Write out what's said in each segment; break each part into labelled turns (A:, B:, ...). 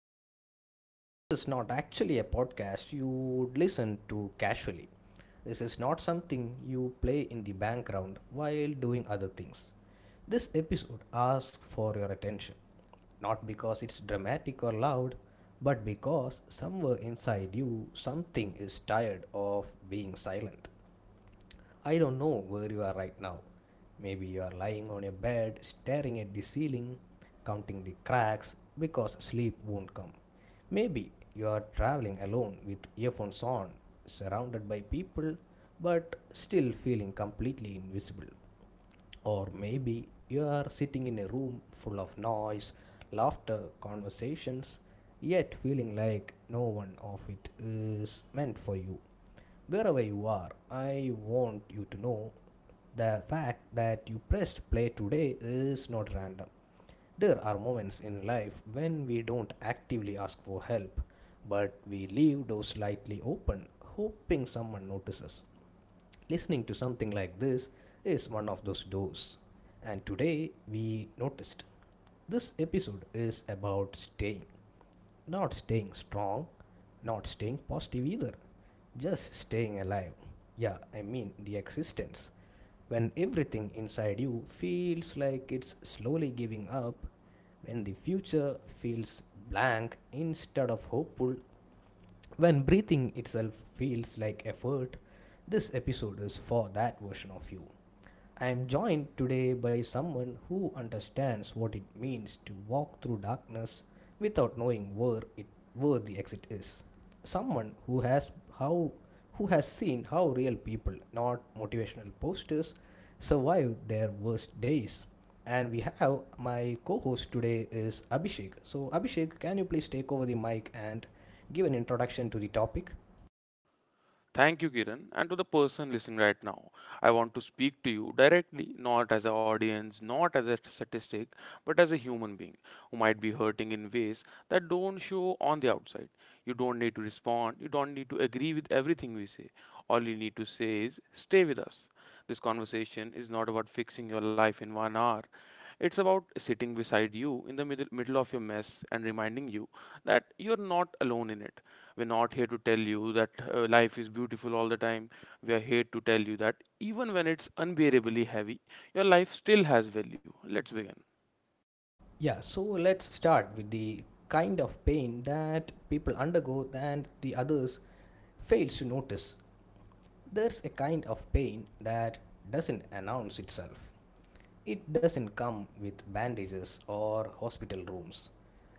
A: Kiran. This is not actually a podcast you would listen to casually. This is not something you play in the background while doing other things. This episode asks for your attention, not because it's dramatic or loud, but because somewhere inside you something is tired of being silent. I don't know where you are right now. Maybe you are lying on your bed, staring at the ceiling, counting the cracks because sleep won't come. Maybe you are traveling alone with earphones on, surrounded by people, but still feeling completely invisible. Or maybe you are sitting in a room full of noise, laughter, conversations, yet feeling like no one of it is meant for you. Wherever you are, I want you to know the fact that you pressed play today is not random. There are moments in life when we don't actively ask for help, but we leave doors slightly open, hoping someone notices. Listening to something like this is one of those doors. And today we noticed this episode is about staying. Not staying strong, not staying positive either, just staying alive. Yeah, I mean the existence. When everything inside you feels like it's slowly giving up, when the future feels blank instead of hopeful, when breathing itself feels like effort, this episode is for that version of you. I am joined today by someone who understands what it means to walk through darkness without knowing where the exit is. Someone how who has seen how real people, not motivational posters, survive their worst days. And we have, my co-host today is Abhishek. So Abhishek, can you please take over the mic and give an introduction to the topic.
B: Thank you, Kiran, and to the person listening right now. I want to speak to you directly, not as an audience, not as a statistic, but as a human being who might be hurting in ways that don't show on the outside. You don't need to respond, you don't need to agree with everything we say. All you need to say is stay with us. This conversation is not about fixing your life in one hour. It's about sitting beside you in the middle of your mess and reminding you that you're not alone in it. We're not here to tell you that life is beautiful all the time. We are here to tell you that even when it's unbearably heavy, your life still has value. Let's begin.
A: Yeah, so let's start with the kind of pain that people undergo and the others fails to notice. There's a kind of pain that doesn't announce itself. It doesn't come with bandages or hospital rooms.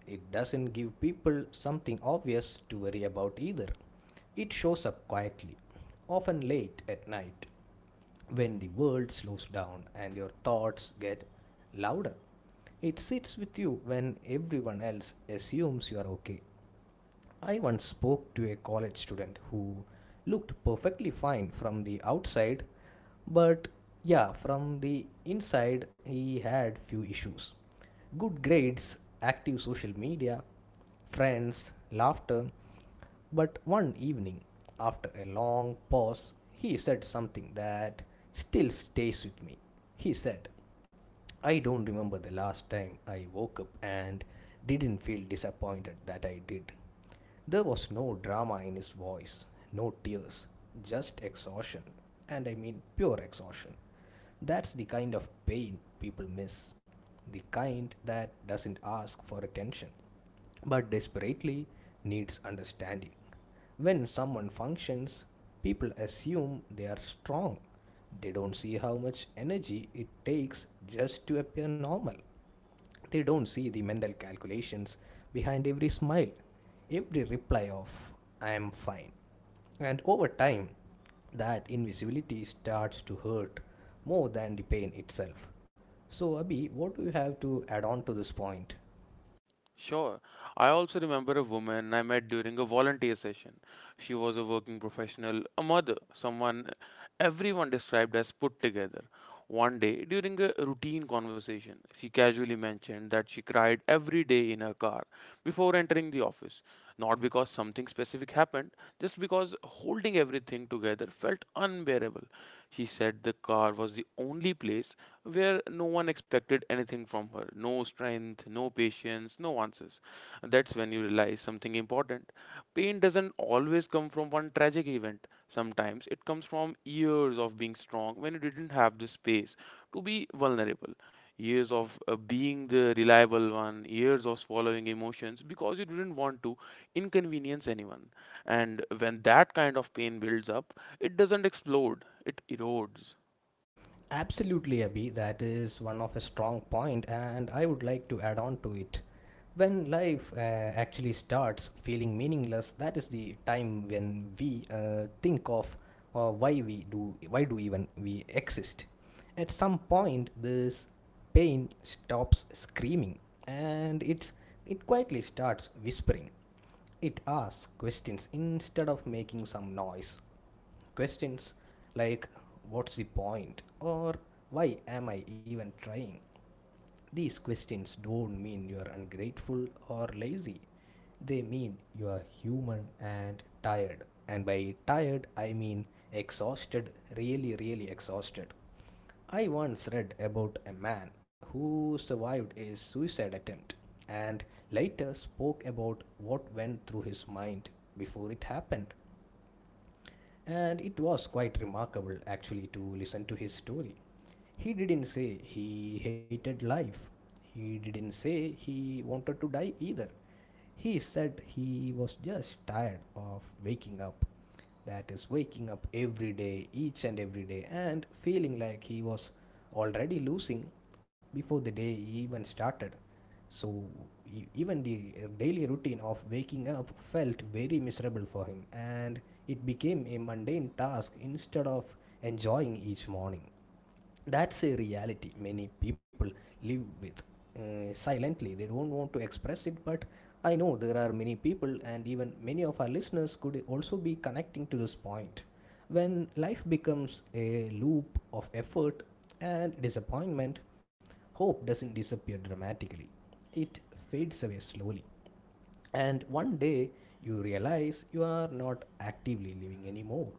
A: It doesn't give people something obvious to worry about either. It shows up quietly, often late at night, when the world slows down and your thoughts get louder. It sits with you when everyone else assumes you are okay. I once spoke to a college student who looked perfectly fine from the outside, but yeah, from the inside he had few issues. Good grades, active social media, friends, laughter, but one evening, after a long pause, he said something that still stays with me. He said, I don't remember the last time I woke up and didn't feel disappointed that I did. There was no drama in his voice, no tears, just exhaustion. And I mean pure exhaustion. That's the kind of pain people miss, the kind that doesn't ask for attention but desperately needs understanding. When someone functions, people assume they are strong. They don't see how much energy it takes just to appear normal. They don't see the mental calculations behind every smile, every reply of, I am fine. And over time, that invisibility starts to hurt more than the pain itself. So, Abhi, what do you have to add on to this point?
B: Sure. I also remember a woman I met during a volunteer session. She was a working professional, a mother, someone everyone described as put together. One day, during a routine conversation, she casually mentioned that she cried every day in her car before entering the office. Not because something specific happened, just because holding everything together felt unbearable. She said the car was the only place where no one expected anything from her, no strength, no patience, no answers. That's when you realize something important. Pain doesn't always come from one tragic event, sometimes it comes from years of being strong when you didn't have the space to be vulnerable. Years of being the reliable one, years of swallowing emotions because you didn't want to inconvenience anyone. And when that kind of pain builds up, it doesn't explode, it erodes.
A: Absolutely, Abhi. That is one of a strong point, and I would like to add on to it. When life actually starts feeling meaningless, that is the time when we think of why do even we exist. At some point, this pain stops screaming, and it quietly starts whispering. It asks questions instead of making some noise. Questions like, what's the point, or why am I even trying? These questions don't mean you are ungrateful or lazy. They mean you are human and tired. And by tired, I mean exhausted, really, really exhausted. I once read about a man who survived a suicide attempt and later spoke about what went through his mind before it happened. And it was quite remarkable actually to listen to his story. He didn't say he hated life, he didn't say he wanted to die either. He said he was just tired of waking up. That is, waking up every day, each and every day, and feeling like he was already losing before the day even started. So even the daily routine of waking up felt very miserable for him, and it became a mundane task instead of enjoying each morning. That's a reality many people live with, silently. They don't want to express it, but I know there are many people, and even many of our listeners could also be connecting to this point. When life becomes a loop of effort and disappointment, hope doesn't disappear dramatically, it fades away slowly. And one day you realize you are not actively living anymore.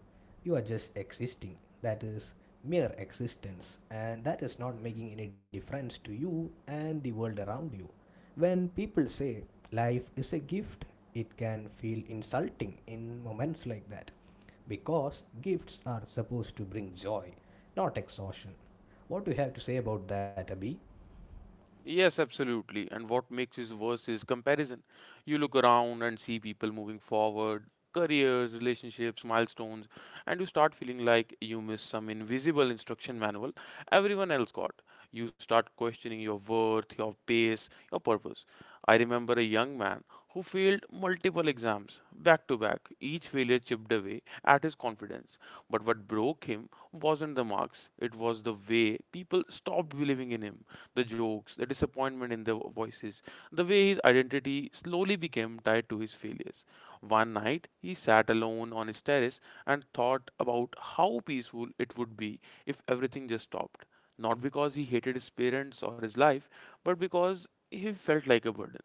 A: You are just existing. That is mere existence, and that is not making any difference to you and the world around you. When people say life is a gift, it can feel insulting in moments like that because gifts are supposed to bring joy, not exhaustion. What do you have to say about that, Abhi?
B: Yes, absolutely. And what makes it worse is comparison. You look around and see people moving forward, careers, relationships, milestones, and you start feeling like you missed some invisible instruction manual everyone else got. You start questioning your worth, your pace, your purpose. I remember a young man who failed multiple exams back to back. Each failure chipped away at his confidence. But what broke him wasn't the marks, it was the way people stopped believing in him, the jokes, the disappointment in their voices, the way his identity slowly became tied to his failures. One night, he sat alone on his terrace and thought about how peaceful it would be if everything just stopped, not because he hated his parents or his life, but because he felt like a burden.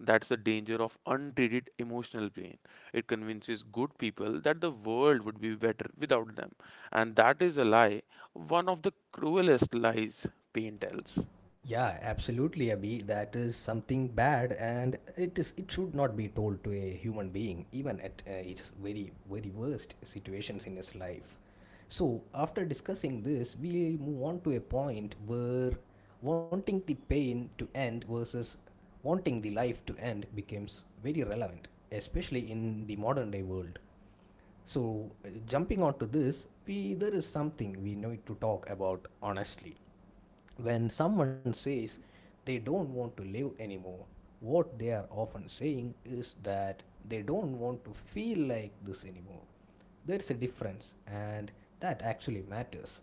B: That's the danger of untreated emotional pain. It convinces good people that the world would be better without them. And that is a lie, one of the cruelest lies pain tells.
A: Yeah, absolutely, Abhi. That is something bad, and it should not be told to a human being, even at its very very worst situations in his life. So after discussing this, we move on to a point where wanting the pain to end versus wanting the life to end becomes very relevant, especially in the modern day world. So, jumping onto this, we there is something we need to talk about honestly. When someone says they don't want to live anymore, what they are often saying is that they don't want to feel like this anymore. There is a difference, and that actually matters.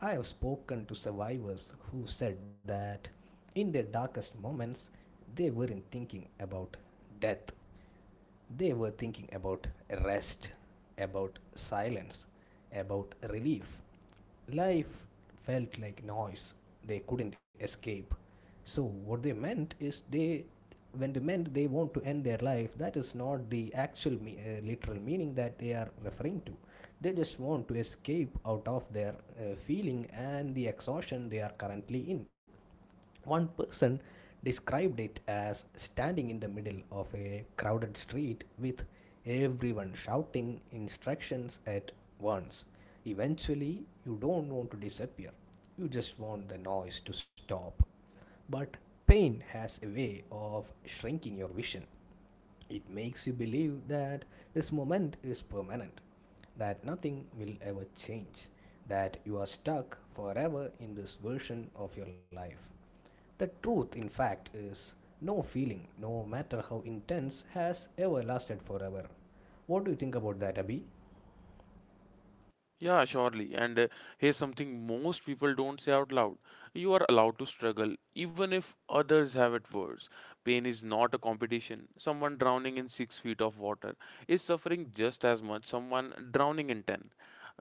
A: I have spoken to survivors who said that in their darkest moments they weren't thinking about death, they were thinking about rest, about silence, about relief. Life felt like noise they couldn't escape. So what they meant is, when they meant they want to end their life, that is not the actual literal meaning that they are referring to. They just want to escape out of their feeling and the exhaustion they are currently in. One person described it as standing in the middle of a crowded street with everyone shouting instructions at once. Eventually, you don't want to disappear, you just want the noise to stop. But pain has a way of shrinking your vision. It makes you believe that this moment is permanent, that nothing will ever change, that you are stuck forever in this version of your life. The truth, in fact, is no feeling, no matter how intense, has ever lasted forever. What do you think about that, Abhi?
B: Yeah, surely. And Here's something most people don't say out loud. You are allowed to struggle, even if others have it worse. Pain is not a competition. Someone drowning in 6 feet of water is suffering just as much someone drowning in ten.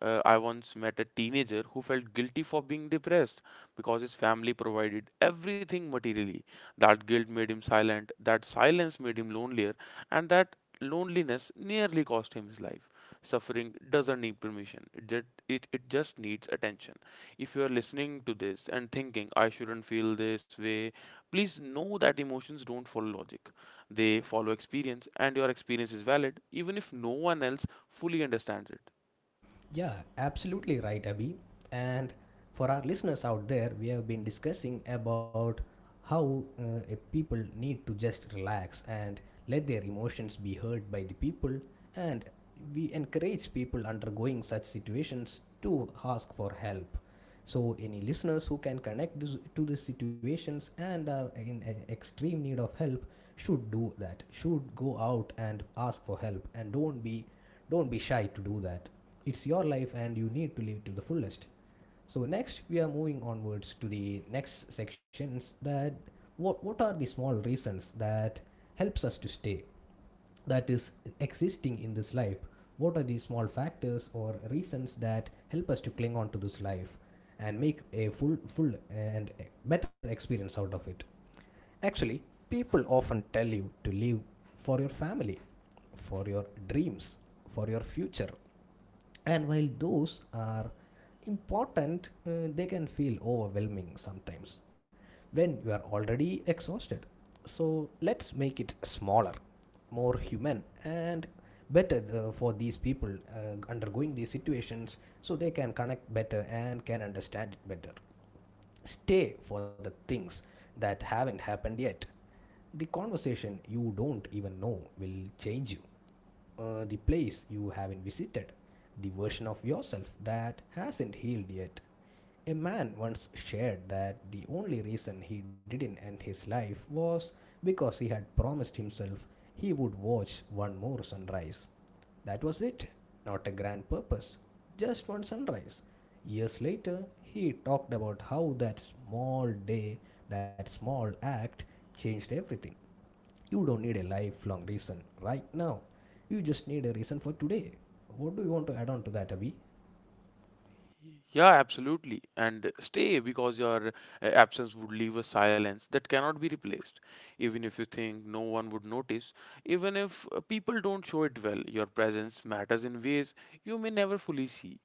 B: I once met a teenager who felt guilty for being depressed because his family provided everything materially. That guilt made him silent, that silence made him lonelier, and that loneliness nearly cost him his life. Suffering doesn't need permission, it just needs attention. If you are listening to this and thinking I shouldn't feel this way, please know that emotions don't follow logic, they follow experience, and your experience is valid even if no one else fully understands it.
A: Yeah, absolutely right, Abhi. And for our listeners out there, we have been discussing about how a people need to just relax and let their emotions be heard by the people. And we encourage people undergoing such situations to ask for help. So, any listeners who can connect to these situations and are in extreme need of help should do that. Should go out and ask for help, and don't be shy to do that. It's your life, and you need to live to the fullest. So next, we are moving onwards to the next sections. That what are the small reasons that helps us to stay, that is, existing in this life. What are the small factors or reasons that help us to cling on to this life and make a full and better experience out of it. Actually, people often tell you to live for your family, for your dreams, for your future. And while those are important, they can feel overwhelming sometimes when you are already exhausted. So let's make it smaller, more human, and better, for these people undergoing these situations so they can connect better and can understand it better. Stay for the things that haven't happened yet, the conversation you don't even know will change you, the place you haven't visited, the version of yourself that hasn't healed yet. A man once shared that the only reason he didn't end his life was because he had promised himself he would watch one more sunrise. That was it, not a grand purpose, just one sunrise. Years later, he talked about how that small day, that small act, changed everything. You don't need a lifelong reason right now. You just need a reason for today. What do you want to add on to that, Abhi?
B: Yeah, absolutely. And stay because your absence would leave a silence that cannot be replaced. Even if you think no one would notice, even if people don't show it well, your presence matters in ways you may never fully see.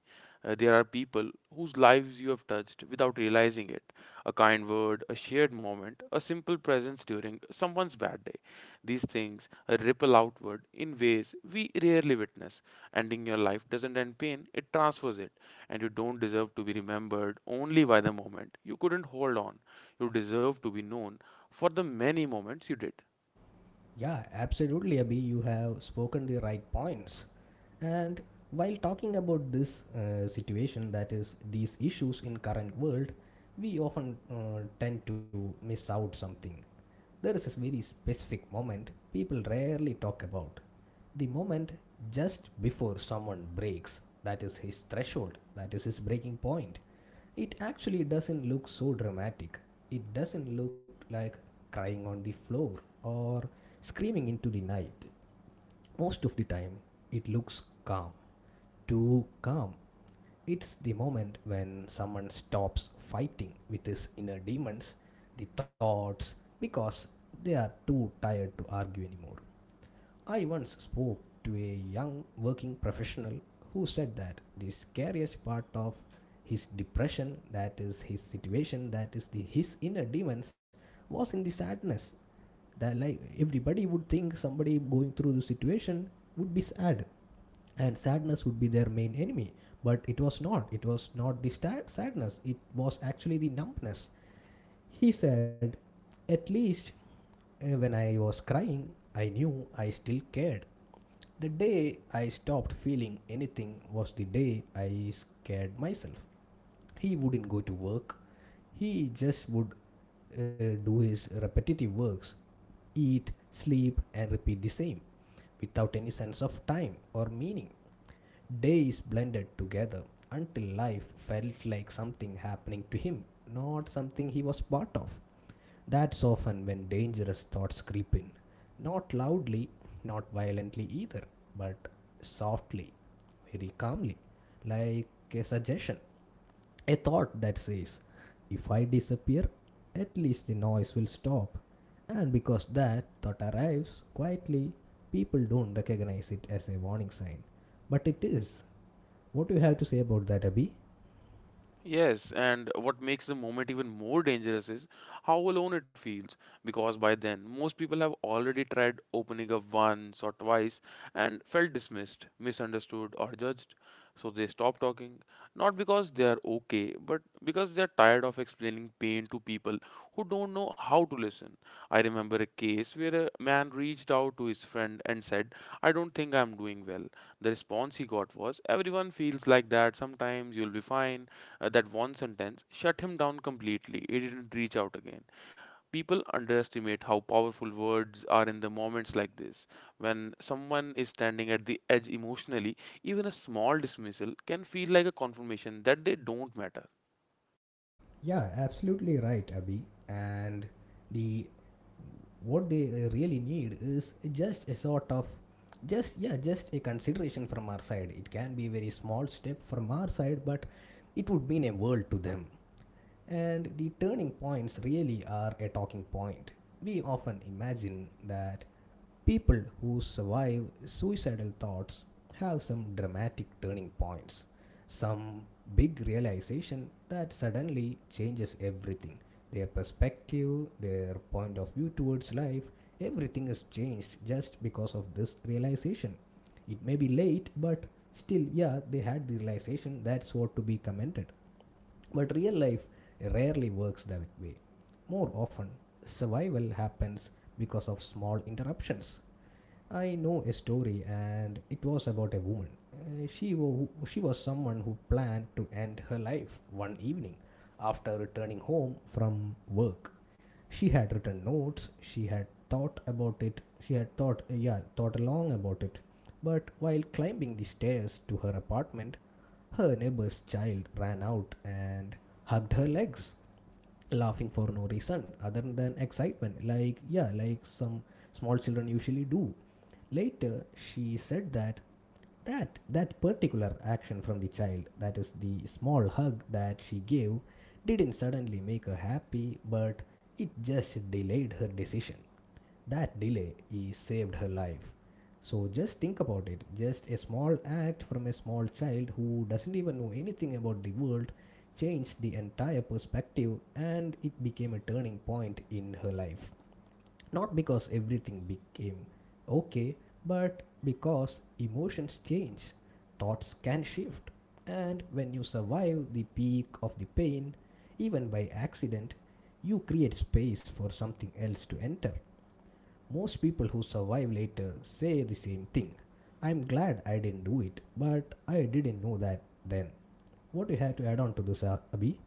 B: There are people whose lives you have touched without realizing it. A kind word, a shared moment, a simple presence during someone's bad day. These things ripple outward in ways we rarely witness. Ending your life doesn't end pain, it transfers it. And you don't deserve to be remembered only by the moment you couldn't hold on. You deserve to be known for the many moments you did.
A: Yeah, absolutely, Abhi. You have spoken the right points. And while talking about this situation, that is, these issues in current world, we often tend to miss out something. There is a very specific moment people rarely talk about. The moment just before someone breaks, that is his threshold, that is his breaking point, it actually doesn't look so dramatic. It doesn't look like crying on the floor or screaming into the night. Most of the time it looks calm, too calm. It's the moment when someone stops fighting with his inner demons, the thoughts, because they are too tired to argue anymore. I once spoke to a young working professional who said that the scariest part of his depression, that is his situation, that is the his inner demons, was in the sadness. That, like, everybody would think somebody going through the situation would be sad, and sadness would be their main enemy. But it was not. It was not the sad sadness. It was actually the numbness. He said, "At least when I was crying, I knew I still cared. The day I stopped feeling anything was the day I scared myself." He wouldn't go to work. He just would do his repetitive works, eat, sleep, and repeat the same without any sense of time or meaning. Days blended together until life felt like something happening to him, not something he was part of. That's often when dangerous thoughts creep in. Not loudly, not violently either, but softly, very calmly, like a suggestion. A thought that says, if I disappear, at least the noise will stop. And because that thought arrives quietly, people don't recognize it as a warning sign. But it is. What do you have to say about that, Abhi?
B: Yes, and what makes the moment even more dangerous is how alone it feels, because by then most people have already tried opening up once or twice and felt dismissed, misunderstood, or judged. So they stop talking, not because they are okay, but because they are tired of explaining pain to people who don't know how to listen. I remember a case where a man reached out to his friend and said, "I don't think I'm doing well." The response he got was, "Everyone feels like that, sometimes you'll be fine." That one sentence shut him down completely. He didn't reach out again. People underestimate how powerful words are in the moments like this. When someone is standing at the edge emotionally, even a small dismissal can feel like a confirmation that they don't matter.
A: Yeah, absolutely right, Abhi. And the what they really need is just a sort of, just, yeah, just a consideration from our side. It can be a very small step from our side, but it would mean a world to them. And the turning points really are a talking point. We often imagine that people who survive suicidal thoughts have some dramatic turning points, some big realization that suddenly changes everything. Their perspective, their point of view towards life, everything is changed just because of this realization. It may be late, but still, yeah, they had the realization, that's what to be commented. But real life rarely works that way. More often, survival happens because of small interruptions. I know a story, and it was about a woman. She was someone who planned to end her life one evening after returning home from work. She had written notes, she had thought about it, she had thought, thought long about it. But while climbing the stairs to her apartment, her neighbor's child ran out and hugged her legs, laughing for no reason other than excitement, like, yeah, like some small children usually do. Later, she said that that particular action from the child, that is the small hug that she gave, didn't suddenly make her happy, but it just delayed her decision. That delay is saved her life. So just think about it. Just a small act from a small child who doesn't even know anything about the world changed the entire perspective, and it became a turning point in her life. Not because everything became okay, but because emotions change, thoughts can shift, and when you survive the peak of the pain, even by accident, you create space for something else to enter. Most people who survive later say the same thing: I'm glad I didn't do it, but I didn't know that then. What do you have to add on to this, Abhi?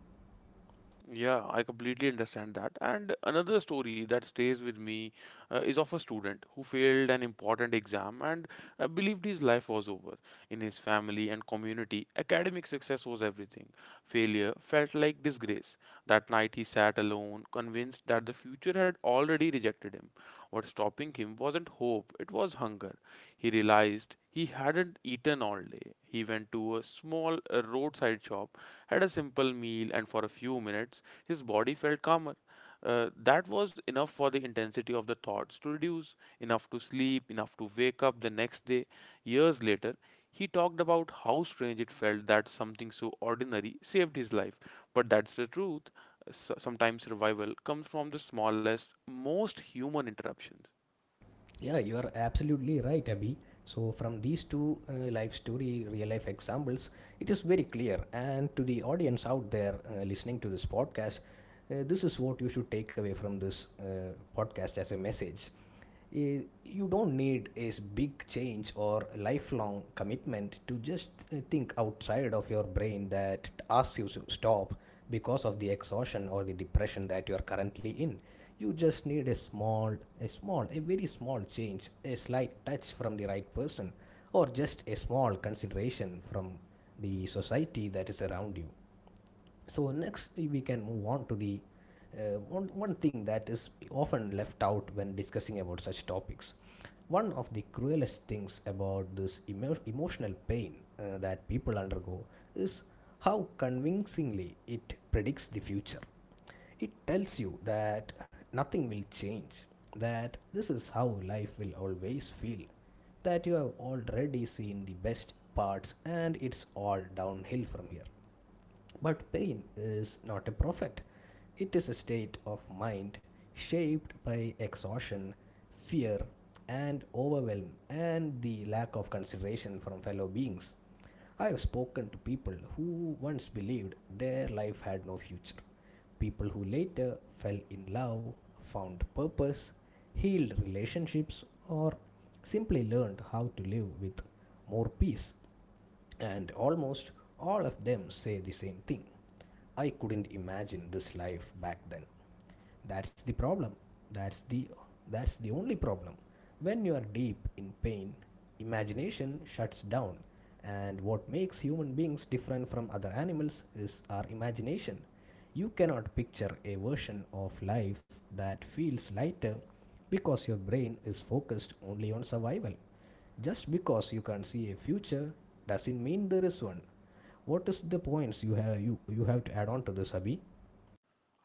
B: Yeah, I completely understand that. And another story that stays with me is of a student who failed an important exam and believed his life was over. In his family and community, academic success was everything. Failure felt like disgrace. That night he sat alone, convinced that the future had already rejected him. What stopping him wasn't hope, it was hunger. He realized he hadn't eaten all day. He went to a small roadside shop, had a simple meal, and for a few minutes his body felt calmer. That was enough for the intensity of the thoughts to reduce, enough to sleep, enough to wake up the next day. Years later, he talked about how strange it felt that something so ordinary saved his life. But that's the truth. Sometimes revival comes from the smallest, most human interruptions.
A: Yeah, you are absolutely right, Abhi. So, from these two life story, real life examples, it is very clear. And to the audience out there listening to this podcast, this is what you should take away from this podcast as a message. You don't need a big change or lifelong commitment to just think outside of your brain that asks you to stop because of the exhaustion or the depression that you are currently in. You just need a small, a small, a very small change, a slight touch from the right person, or just a small consideration from the society that is around you. So next we can move on to the one thing that is often left out when discussing about such topics. One of the cruelest things about this emotional pain that people undergo is how convincingly it predicts the future. It tells you that nothing will change, that this is how life will always feel, that you have already seen the best parts and it's all downhill from here. But pain is not a prophet, it is a state of mind shaped by exhaustion, fear, and overwhelm, and the lack of consideration from fellow beings. I have spoken to people who once believed their life had no future, people who later fell in love, found purpose, healed relationships, or simply learned how to live with more peace. And almost all of them say the same thing: I couldn't imagine this life back then. That's the problem. That's the that's the only problem. When you are deep in pain, imagination shuts down. And what makes human beings different from other animals is our imagination. You cannot picture a version of life that feels lighter because your brain is focused only on survival. Just because you can't see a future doesn't mean there is one. What is the points you have you have to add on to this, Abhi?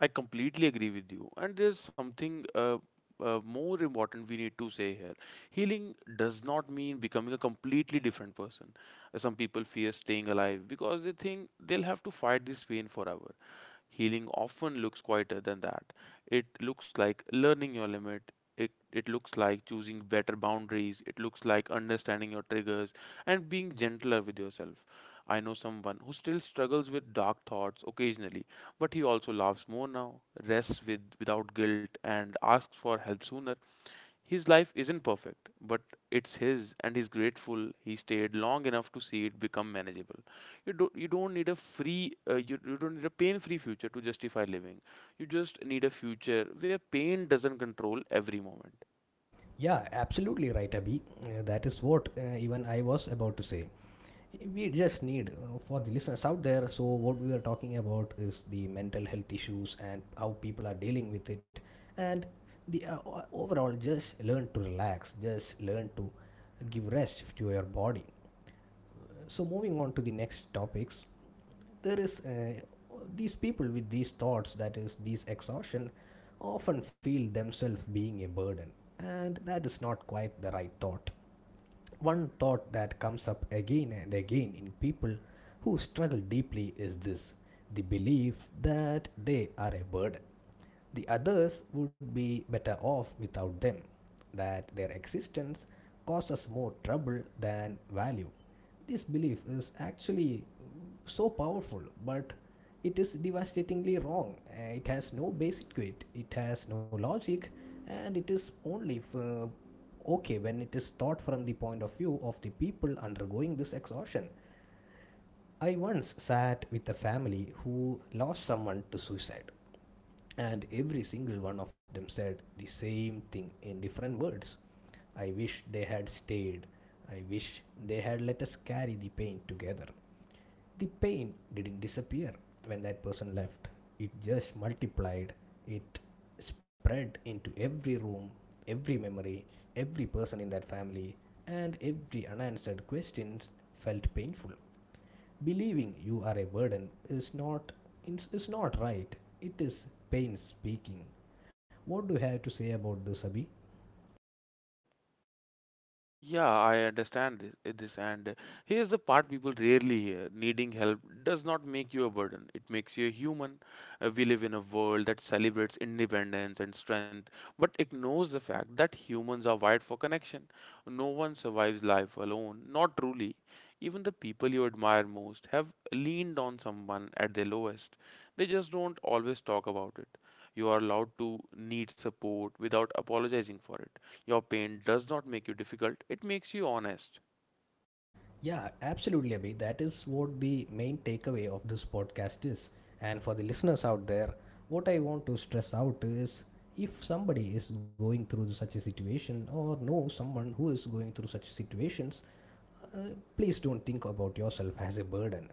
B: I completely agree with you, and there's something more important we need to say here. Healing does not mean becoming a completely different person. Some people fear staying alive because they think they'll have to fight this pain forever. Healing often looks quieter than that. It looks like learning your limit. It looks like choosing better boundaries. It looks like understanding your triggers and being gentler with yourself. I know someone who still struggles with dark thoughts occasionally, but he also laughs more now, rests with without guilt, and asks for help sooner. His life isn't perfect, but it's his, and he's grateful he stayed long enough to see it become manageable. You don't need a free you, you don't need a pain-free future to justify living. You just need a future where pain doesn't control every moment.
A: Yeah, absolutely right, Abhi. That is what even I was about to say. We just need, for the listeners out there. So what we are talking about is the mental health issues and how people are dealing with it, and the overall, just learn to relax, just learn to give rest to your body. So moving on to the next topics, there is these people with these thoughts, that is these exhaustion, often feel themselves being a burden. And that is not quite the right thought. One thought that comes up again and again in people who struggle deeply is this: the belief that they are a burden. The others would be better off without them, that their existence causes more trouble than value. This belief is actually so powerful, but it is devastatingly wrong. It has no basic to it, it has no logic, and it is only okay when it is thought from the point of view of the people undergoing this exhaustion. I once sat with a family who lost someone to suicide, and every single one of them said the same thing in different words: I wish they had stayed. I wish they had let us carry the pain together. The pain didn't disappear when that person left. It just multiplied. It spread into every room, every memory, every person in that family, and every unanswered question felt painful. Believing you are a burden is not right. It is pain speaking. What do you have to say about this, Abhi?
B: Yeah, I understand this, this, and Here's the part people rarely hear. Needing help does not make you a burden, it makes you a human. We live in a world that celebrates independence and strength, but ignores the fact that humans are wired for connection. No one survives life alone, not truly. Even the people you admire most have leaned on someone at their lowest. They just don't always talk about it. You are allowed to need support without apologizing for it. Your pain does not make you difficult, it makes you honest.
A: Yeah, absolutely, Abhi. That is what the main takeaway of this podcast is. And for the listeners out there, what I want to stress out is, if somebody is going through such a situation or know someone who is going through such situations, uh, please don't think about yourself as a burden.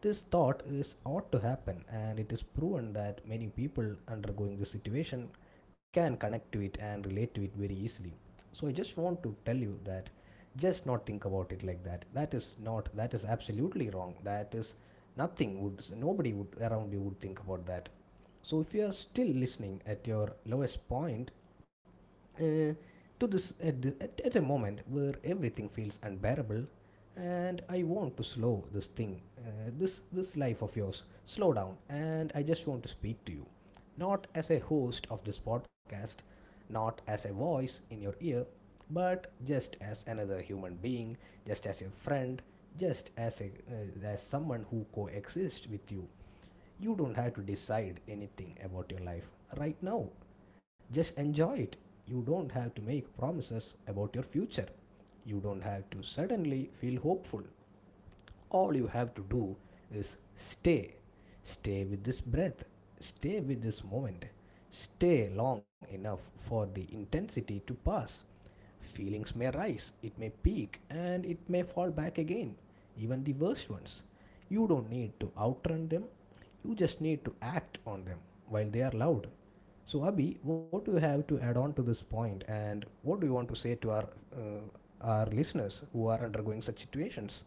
A: This thought is ought to happen, and it is proven that many people undergoing this situation can connect to it and relate to it very easily. So I just want to tell you that just not think about it like that. That is not, that is absolutely wrong. That is nothing would, nobody would around you would think about that. So if you are still listening at your lowest point, uh, to this at a moment where everything feels unbearable, and I want to slow this thing, this life of yours, slow down. And I just want to speak to you, not as a host of this podcast, not as a voice in your ear, but just as another human being, just as a friend, just as a, as someone who coexists with you. You don't have to decide anything about your life right now. Just enjoy it. You don't have to make promises about your future. You don't have to suddenly feel hopeful. All you have to do is stay. Stay with this breath, stay with this moment, stay long enough for the intensity to pass. Feelings may rise, it may peak, and it may fall back again, even the worst ones. You don't need to outrun them, you just need to act on them while they are loud. So, Abhi, what do you have to add on to this point, and what do you want to say to uh, our listeners who are undergoing such situations?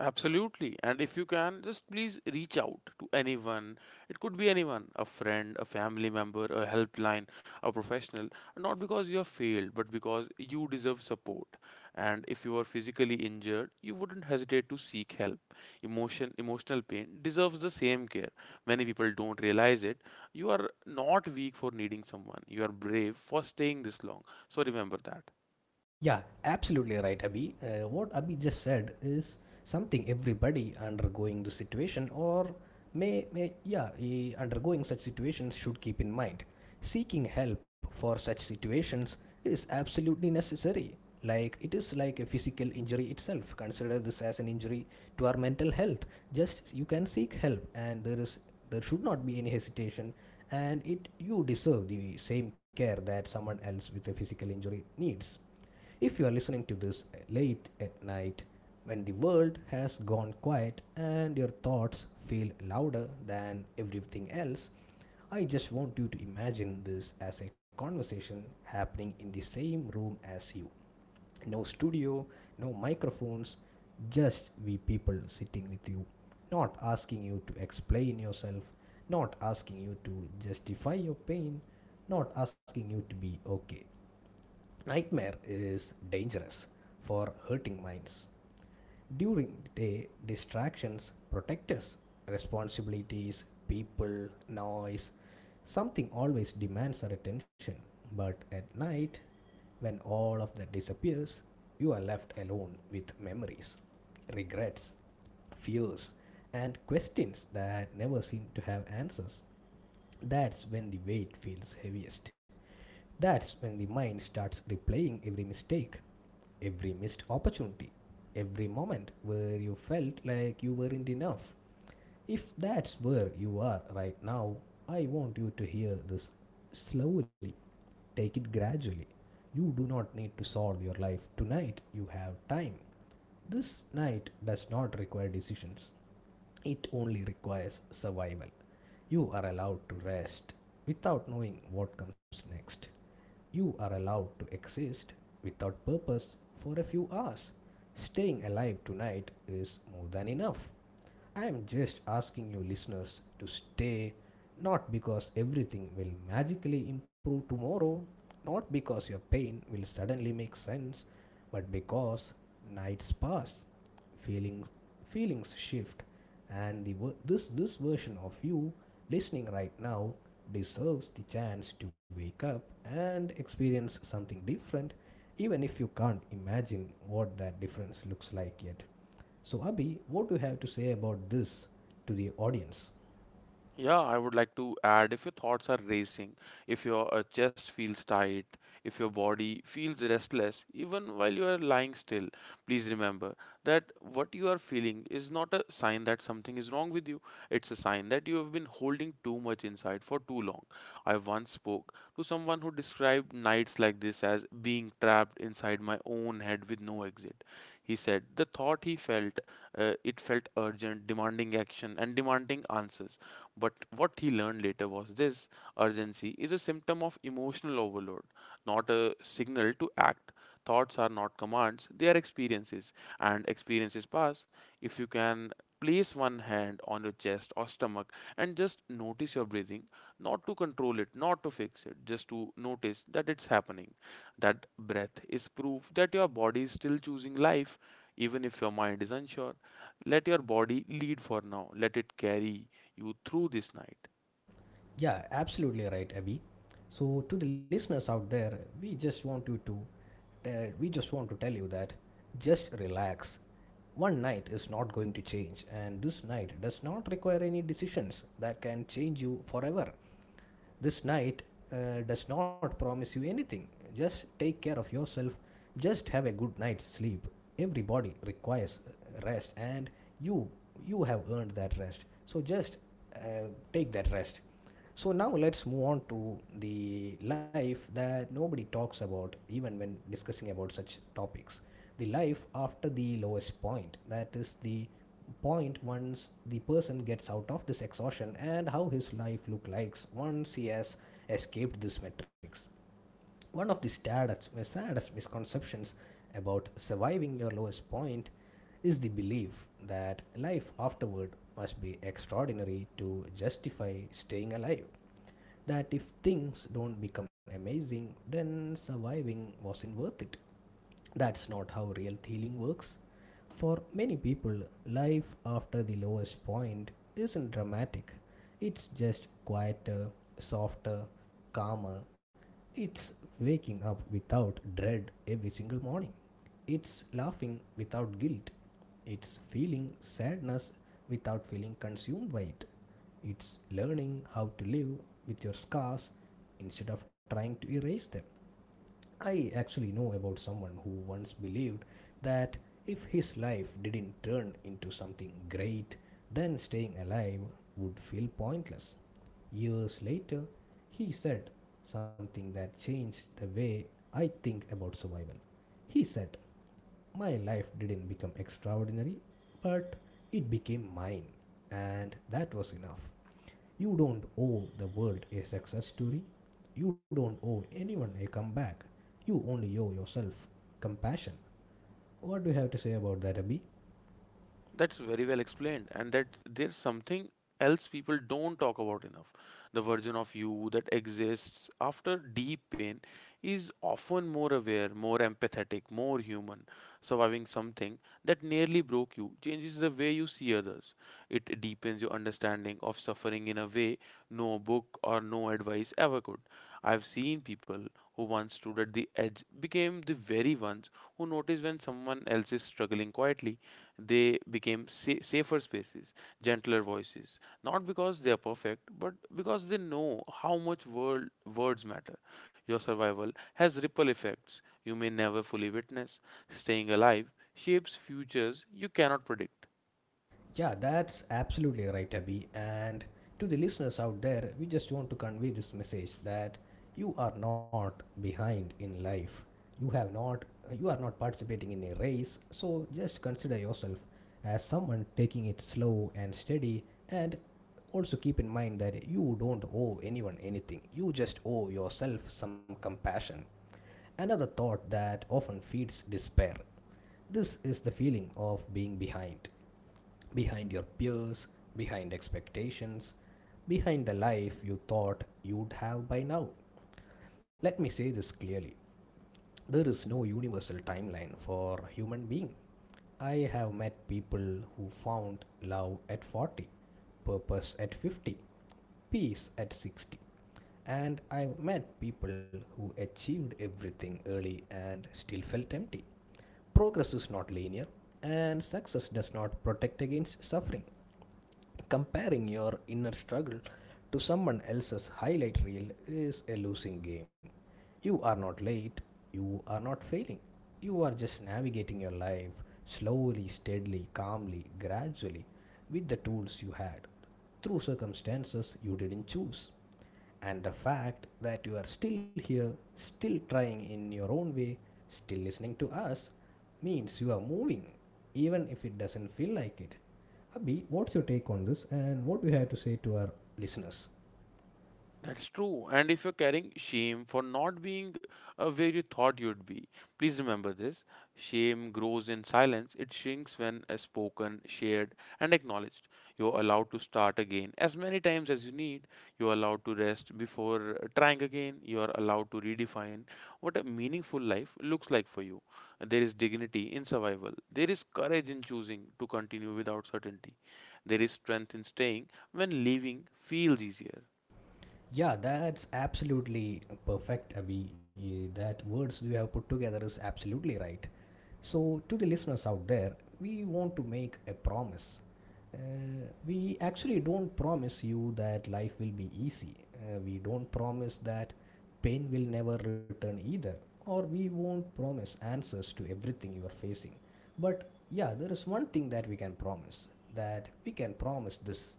B: Absolutely. And if you can, just please reach out to anyone. It could be anyone, a friend, a family member, a helpline, a professional. Not because you have failed, but because you deserve support. And if you are physically injured, you wouldn't hesitate to seek help. Emotion, emotional pain deserves the same care. Many people don't realize it. You are not weak for needing someone, you are brave for staying this long. So remember that.
A: Yeah, absolutely right, Abhi. What Abhi just said is something everybody undergoing the situation or undergoing such situations should keep in mind. Seeking help for such situations is absolutely necessary. Like it is like a physical injury itself. Consider this as an injury to our mental health. Just you can seek help, and there should not be any hesitation. And it you deserve the same care that someone else with a physical injury needs. If you are listening to this late at night, when the world has gone quiet and your thoughts feel louder than everything else, I just want you to imagine this as a conversation happening in the same room as you. No studio, no microphones, just we people sitting with you. Not asking you to explain yourself, not asking you to justify your pain, not asking you to be okay. Nightmare is dangerous for hurting minds. During the day, distractions protect us. Responsibilities, people, noise, something always demands our attention. But at night, when all of that disappears, you are left alone with memories, regrets, fears, and questions that never seem to have answers. That's when the weight feels heaviest. That's when the mind starts replaying every mistake, every missed opportunity, every moment where you felt like you weren't enough. If that's where you are right now, I want you to hear this slowly. Take it gradually. You do not need to solve your life tonight, you have time. This night does not require decisions. It only requires survival. You are allowed to rest without knowing what comes next. You are allowed to exist without purpose for a few hours. Staying alive tonight is more than enough. I am just asking you, listeners, to stay, not because everything will magically improve tomorrow, not because your pain will suddenly make sense, but because nights pass, feelings feelings shift, and this version of you listening right now deserves the chance to wake up and experience something different, even if you can't imagine what that difference looks like yet. So Abhi, what do you have to say about this to the audience?
B: Yeah, I would like to add, if your thoughts are racing, if your chest feels tight, if your body feels restless, even while you are lying still, please remember that what you are feeling is not a sign that something is wrong with you. It's a sign that you have been holding too much inside for too long. I once spoke to someone who described nights like this as being trapped inside my own head with no exit. He said the thought he felt, it felt urgent, demanding action, and demanding answers. But what he learned later was this: urgency is a symptom of emotional overload, not a signal to act. Thoughts are not commands, they are experiences, and experiences pass. If you can, place one hand on your chest or stomach and just notice your breathing, not to control it, not to fix it, just to notice that it's happening. That breath is proof that your body is still choosing life, even if your mind is unsure. Let your body lead for now, let it carry you through this night.
A: Yeah, absolutely right, Abby. So to the listeners out there, we just want you we just want to tell you that just relax. One night is not going to change, and this night does not require any decisions that can change you forever. This night does not promise you anything. Just take care of yourself. Just have a good night's sleep. Everybody requires rest, and you you have earned that rest. So just take that rest. So now let's move on to the life that nobody talks about, even when discussing about such topics. The life after the lowest point, that is the point once the person gets out of this exhaustion and how his life look like once he has escaped this matrix. One of the saddest misconceptions about surviving your lowest point is the belief that life afterward must be extraordinary to justify staying alive. That if things don't become amazing, then surviving wasn't worth it. That's not how real healing works. For many people, life after the lowest point isn't dramatic. It's just quieter, softer, calmer. It's waking up without dread every single morning. It's laughing without guilt. It's feeling sadness without feeling consumed by it. It's learning how to live with your scars instead of trying to erase them. I actually know about someone who once believed that if his life didn't turn into something great, then staying alive would feel pointless. Years later, he said something that changed the way I think about survival. He said, my life didn't become extraordinary, but it became mine, and that was enough. You don't owe the world a success story. You don't owe anyone a comeback. You only owe yourself compassion. What do you have to say about that, Abhi?
B: That's very well explained, and that there's something else people don't talk about enough. The version of you that exists after deep pain is often more aware, more empathetic, more human. Surviving something that nearly broke you changes the way you see others. It deepens your understanding of suffering in a way no book or no advice ever could. I've seen people who once stood at the edge became the very ones who notice when someone else is struggling quietly. They became safer spaces, gentler voices, not because they are perfect, but because they know how much world words matter. Your survival has ripple effects you may never fully witness. Staying alive shapes futures you cannot predict.
A: Yeah, that's absolutely right, Abhi. And to the listeners out there, we just want to convey this message that you are not behind in life. You have not you are not participating in a race, so just consider yourself as someone taking it slow and steady, and also keep in mind that you don't owe anyone anything. You just owe yourself some compassion. Another thought that often feeds despair. This is the feeling of being behind, behind your peers, behind expectations, behind the life you thought you'd have by now. Let me say this clearly: there is no universal timeline for human being. I have met people who found love at 40, purpose at 50, peace at 60, and I've met people who achieved everything early and still felt empty. Progress is not linear, and success does not protect against suffering. Comparing your inner struggle to someone else's highlight reel is a losing game. You are not late, you are not failing. You are just navigating your life slowly, steadily, calmly, gradually, with the tools you had, through circumstances you didn't choose. And the fact that you are still here, still trying in your own way, still listening to us, means you are moving, even if it doesn't feel like it. Abhi, what's your take on this and what do you have to say to our listeners?
B: That's true. And if you're carrying shame for not being where you thought you'd be, please remember this. Shame grows in silence, it shrinks when spoken, shared, and acknowledged. You're allowed to start again as many times as you need. You're allowed to rest before trying again. You're allowed to redefine what a meaningful life looks like for you. There is dignity in survival, there is courage in choosing to continue without certainty, there is strength in staying when leaving feels easier.
A: Yeah, that's absolutely perfect, Abhi. Eh, That words you have put together is absolutely right. So, to the listeners out there, we want to make a promise. Uh, we actually don't promise you that life will be easy. We don't promise that pain will never return either, or we won't promise answers to everything you are facing. But yeah, there is one thing that we can promise, this: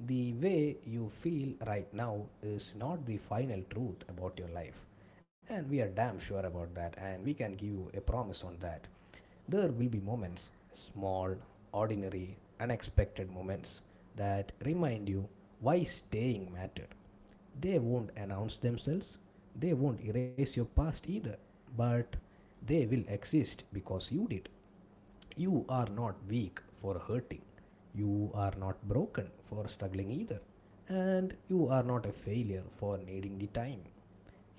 A: the way you feel right now is not the final truth about your life, and we are damn sure about that, and we can give you a promise on that. There will be moments, small, ordinary, unexpected moments, that remind you why staying mattered. They won't announce themselves, they won't erase your past either, but they will exist because you did. You are not weak for hurting. You are not broken for struggling either. And you are not a failure for needing the time.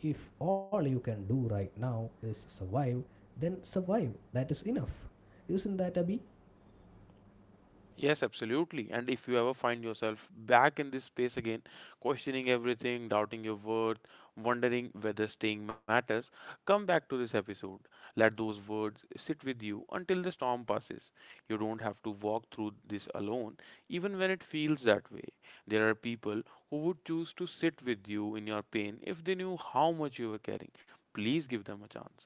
A: If all you can do right now is survive, then survive. That is enough. Isn't that, Abhi?
B: Yes, absolutely. And if you ever find yourself back in this space again, questioning everything, doubting your worth, wondering whether staying matters, come back to this episode. Let those words sit with you until the storm passes. You don't have to walk through this alone, even when it feels that way. There are people who would choose to sit with you in your pain if they knew how much you were carrying. Please give them a chance.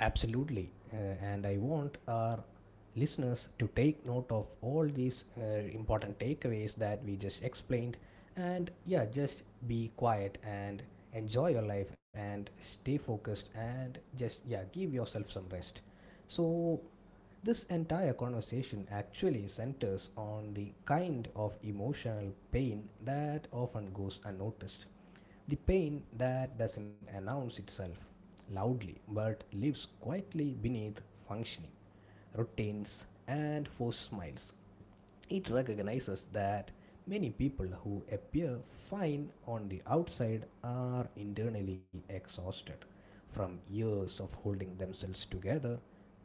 A: Absolutely. And I want our listeners to take note of all these important takeaways that we just explained. And yeah, just be quiet and enjoy your life and stay focused and just, yeah, give yourself some rest. So, this entire conversation actually centers on the kind of emotional pain that often goes unnoticed, the pain that doesn't announce itself loudly but lives quietly beneath functioning, routines, and forced smiles. It recognizes that many people who appear fine on the outside are internally exhausted from years of holding themselves together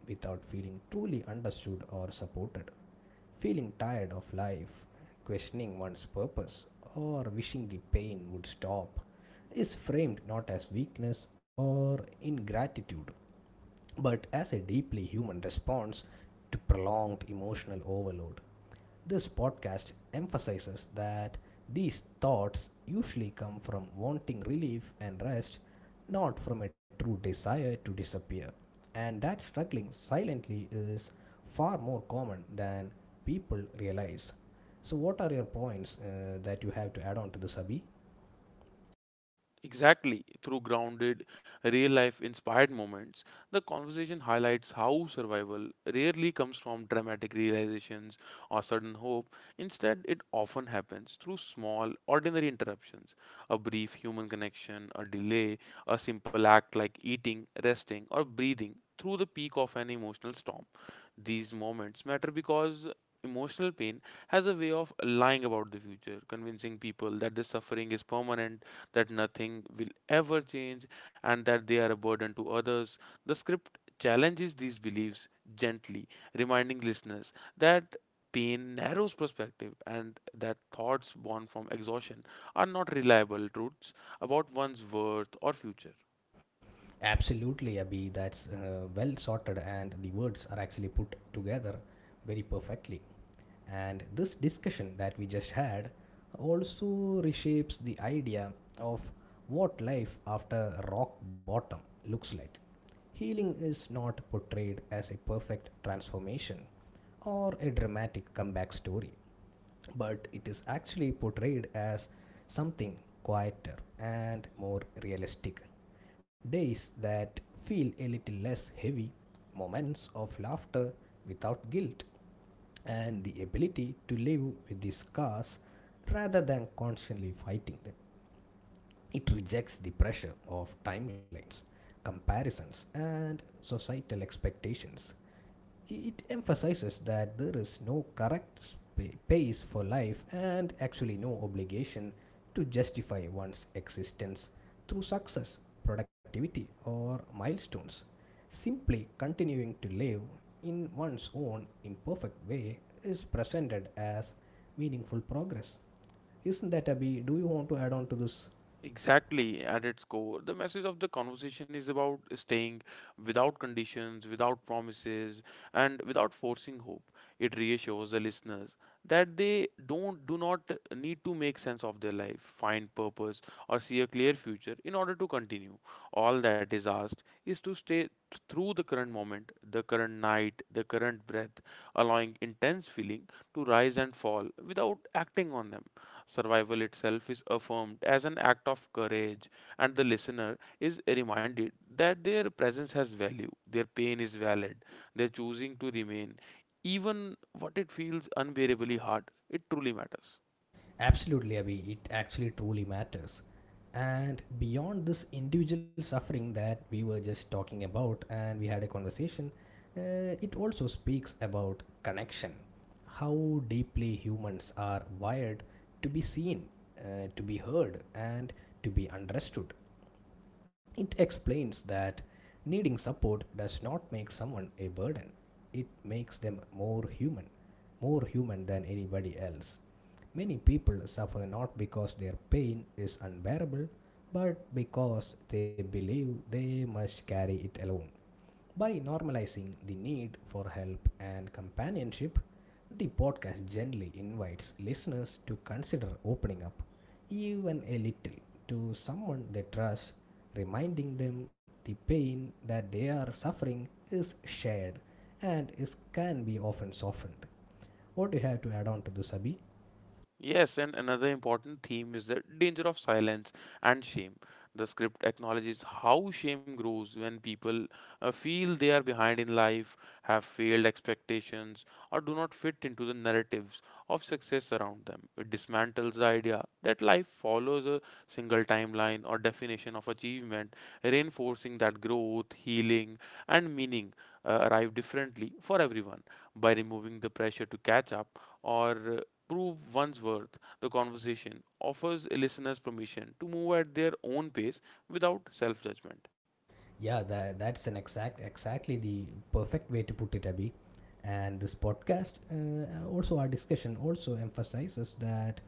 A: without feeling truly understood or supported. Feeling tired of life, questioning one's purpose, or wishing the pain would stop is framed not as weakness or ingratitude, but as a deeply human response to prolonged emotional overload. This podcast emphasizes that these thoughts usually come from wanting relief and rest, not from a true desire to disappear. And that struggling silently is far more common than people realize. So, what are your points that you have to add on to this, Abhi?
B: Exactly. Through grounded, real life inspired moments, the conversation highlights how survival rarely comes from dramatic realizations or sudden hope. Instead, it often happens through small, ordinary interruptions, a brief human connection, a delay, a simple act like eating, resting, or breathing through the peak of an emotional storm. These moments matter because emotional pain has a way of lying about the future, convincing people that the suffering is permanent, that nothing will ever change, and that they are a burden to others. The script challenges these beliefs gently, reminding listeners that pain narrows perspective and that thoughts born from exhaustion are not reliable truths about one's worth or future.
A: Absolutely, Abhi. That's well sorted, and the words are actually put together very perfectly. And this discussion that we just had also reshapes the idea of what life after rock bottom looks like. Healing is not portrayed as a perfect transformation or a dramatic comeback story, but it is actually portrayed as something quieter and more realistic. Days that feel a little less heavy, moments of laughter without guilt, and the ability to live with the scars rather than constantly fighting them. It rejects the pressure of timelines, comparisons, and societal expectations, it emphasizes that there is no correct pace for life and actually no obligation to justify one's existence through success, productivity, or milestones. Simply continuing to live in one's own imperfect way is presented as meaningful progress. Isn't that, Abhi? Do you want to add on to this?
B: Exactly, at its core, the message of the conversation is about staying without conditions, without promises, and without forcing hope. It reassures the listeners that they don't do not need to make sense of their life, find purpose, or see a clear future in order to continue. All that is asked is to stay through the current moment, the current night, the current breath, allowing intense feeling to rise and fall without acting on them. Survival itself is affirmed as an act of courage, and the listener is reminded that their presence has value, their pain is valid, their choosing to remain, even what it feels unbearably hard, it truly matters.
A: Absolutely, Abhi. It actually truly matters. And beyond this individual suffering that we were just talking about, and we had a conversation, uh, it also speaks about connection. How deeply humans are wired to be seen, to be heard, and to be understood. It explains that needing support does not make someone a burden, it makes them more human than anybody else. Many people suffer not because their pain is unbearable, but because they believe they must carry it alone. By normalizing the need for help and companionship, the podcast generally invites listeners to consider opening up, even a little, to someone they trust, reminding them the pain that they are suffering is shared and is can be often softened. What do you have to add on to this, Abhi?
B: Yes, and another important theme is the danger of silence and shame. The script acknowledges how shame grows when people feel they are behind in life, have failed expectations, or do not fit into the narratives of success around them. It dismantles the idea that life follows a single timeline or definition of achievement, reinforcing that growth, healing, and meaning arrive differently for everyone. By removing the pressure to catch up, or prove one's worth, the conversation offers listeners permission to move at their own pace without self judgment.
A: Yeah, that, that's an exact exactly the perfect way to put it, Abby. And this podcast, also our discussion, also emphasizes that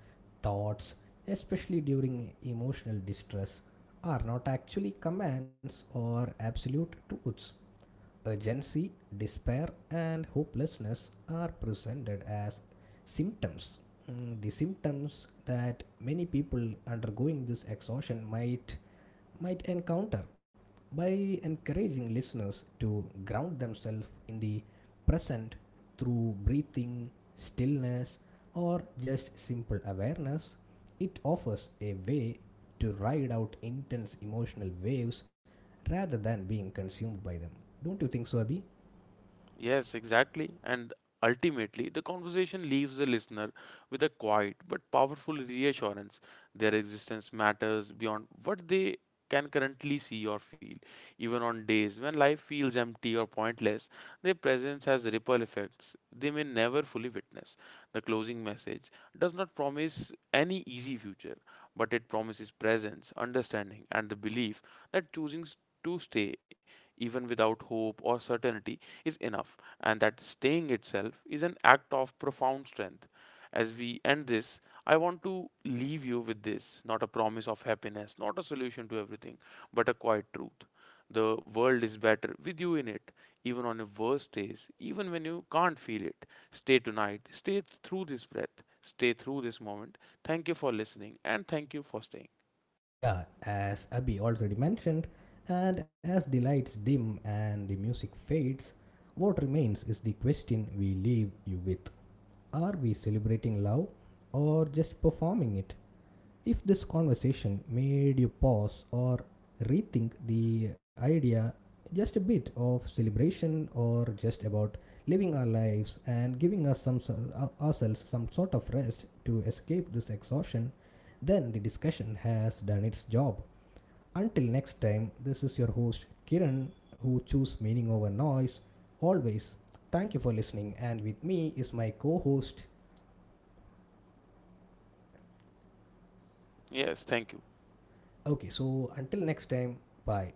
A: thoughts, especially during emotional distress, are not actually commands or absolute truths. Urgency, despair, and hopelessness are presented as symptoms. The symptoms that many people undergoing this exhaustion might encounter by encouraging listeners to ground themselves in the present through breathing, stillness, or just simple awareness, it offers a way to ride out intense emotional waves rather than being consumed by them. Don't you think so, Abhi?
B: Yes, exactly. And ultimately, the conversation leaves the listener with a quiet but powerful reassurance, their existence matters beyond what they can currently see or feel. Even on days when life feels empty or pointless, their presence has ripple effects they may never fully witness. The closing message does not promise any easy future, but it promises presence, understanding, and the belief that to stay, even without hope or certainty, is enough, and that staying itself is an act of profound strength. As we end this, I want to leave you with this, not a promise of happiness, not a solution to everything, but a quiet truth. The world is better with you in it, even on your worst days, even when you can't feel it. Stay tonight, stay through this breath, stay through this moment. Thank you for listening, and thank you for staying.
A: Yeah, as Abhi already mentioned, and as the lights dim and the music fades, what remains is the question we leave you with: are we celebrating love or just performing it? If this conversation made you pause or rethink the idea just a bit of celebration or just about living our lives and giving ourselves some sort of rest to escape this exhaustion, then the discussion has done its job. Until next time, this is your host Kiran, who choose meaning over noise always. Thank you for listening and with me is my co-host.
B: Yes, thank you.
A: Okay, so until next time, bye.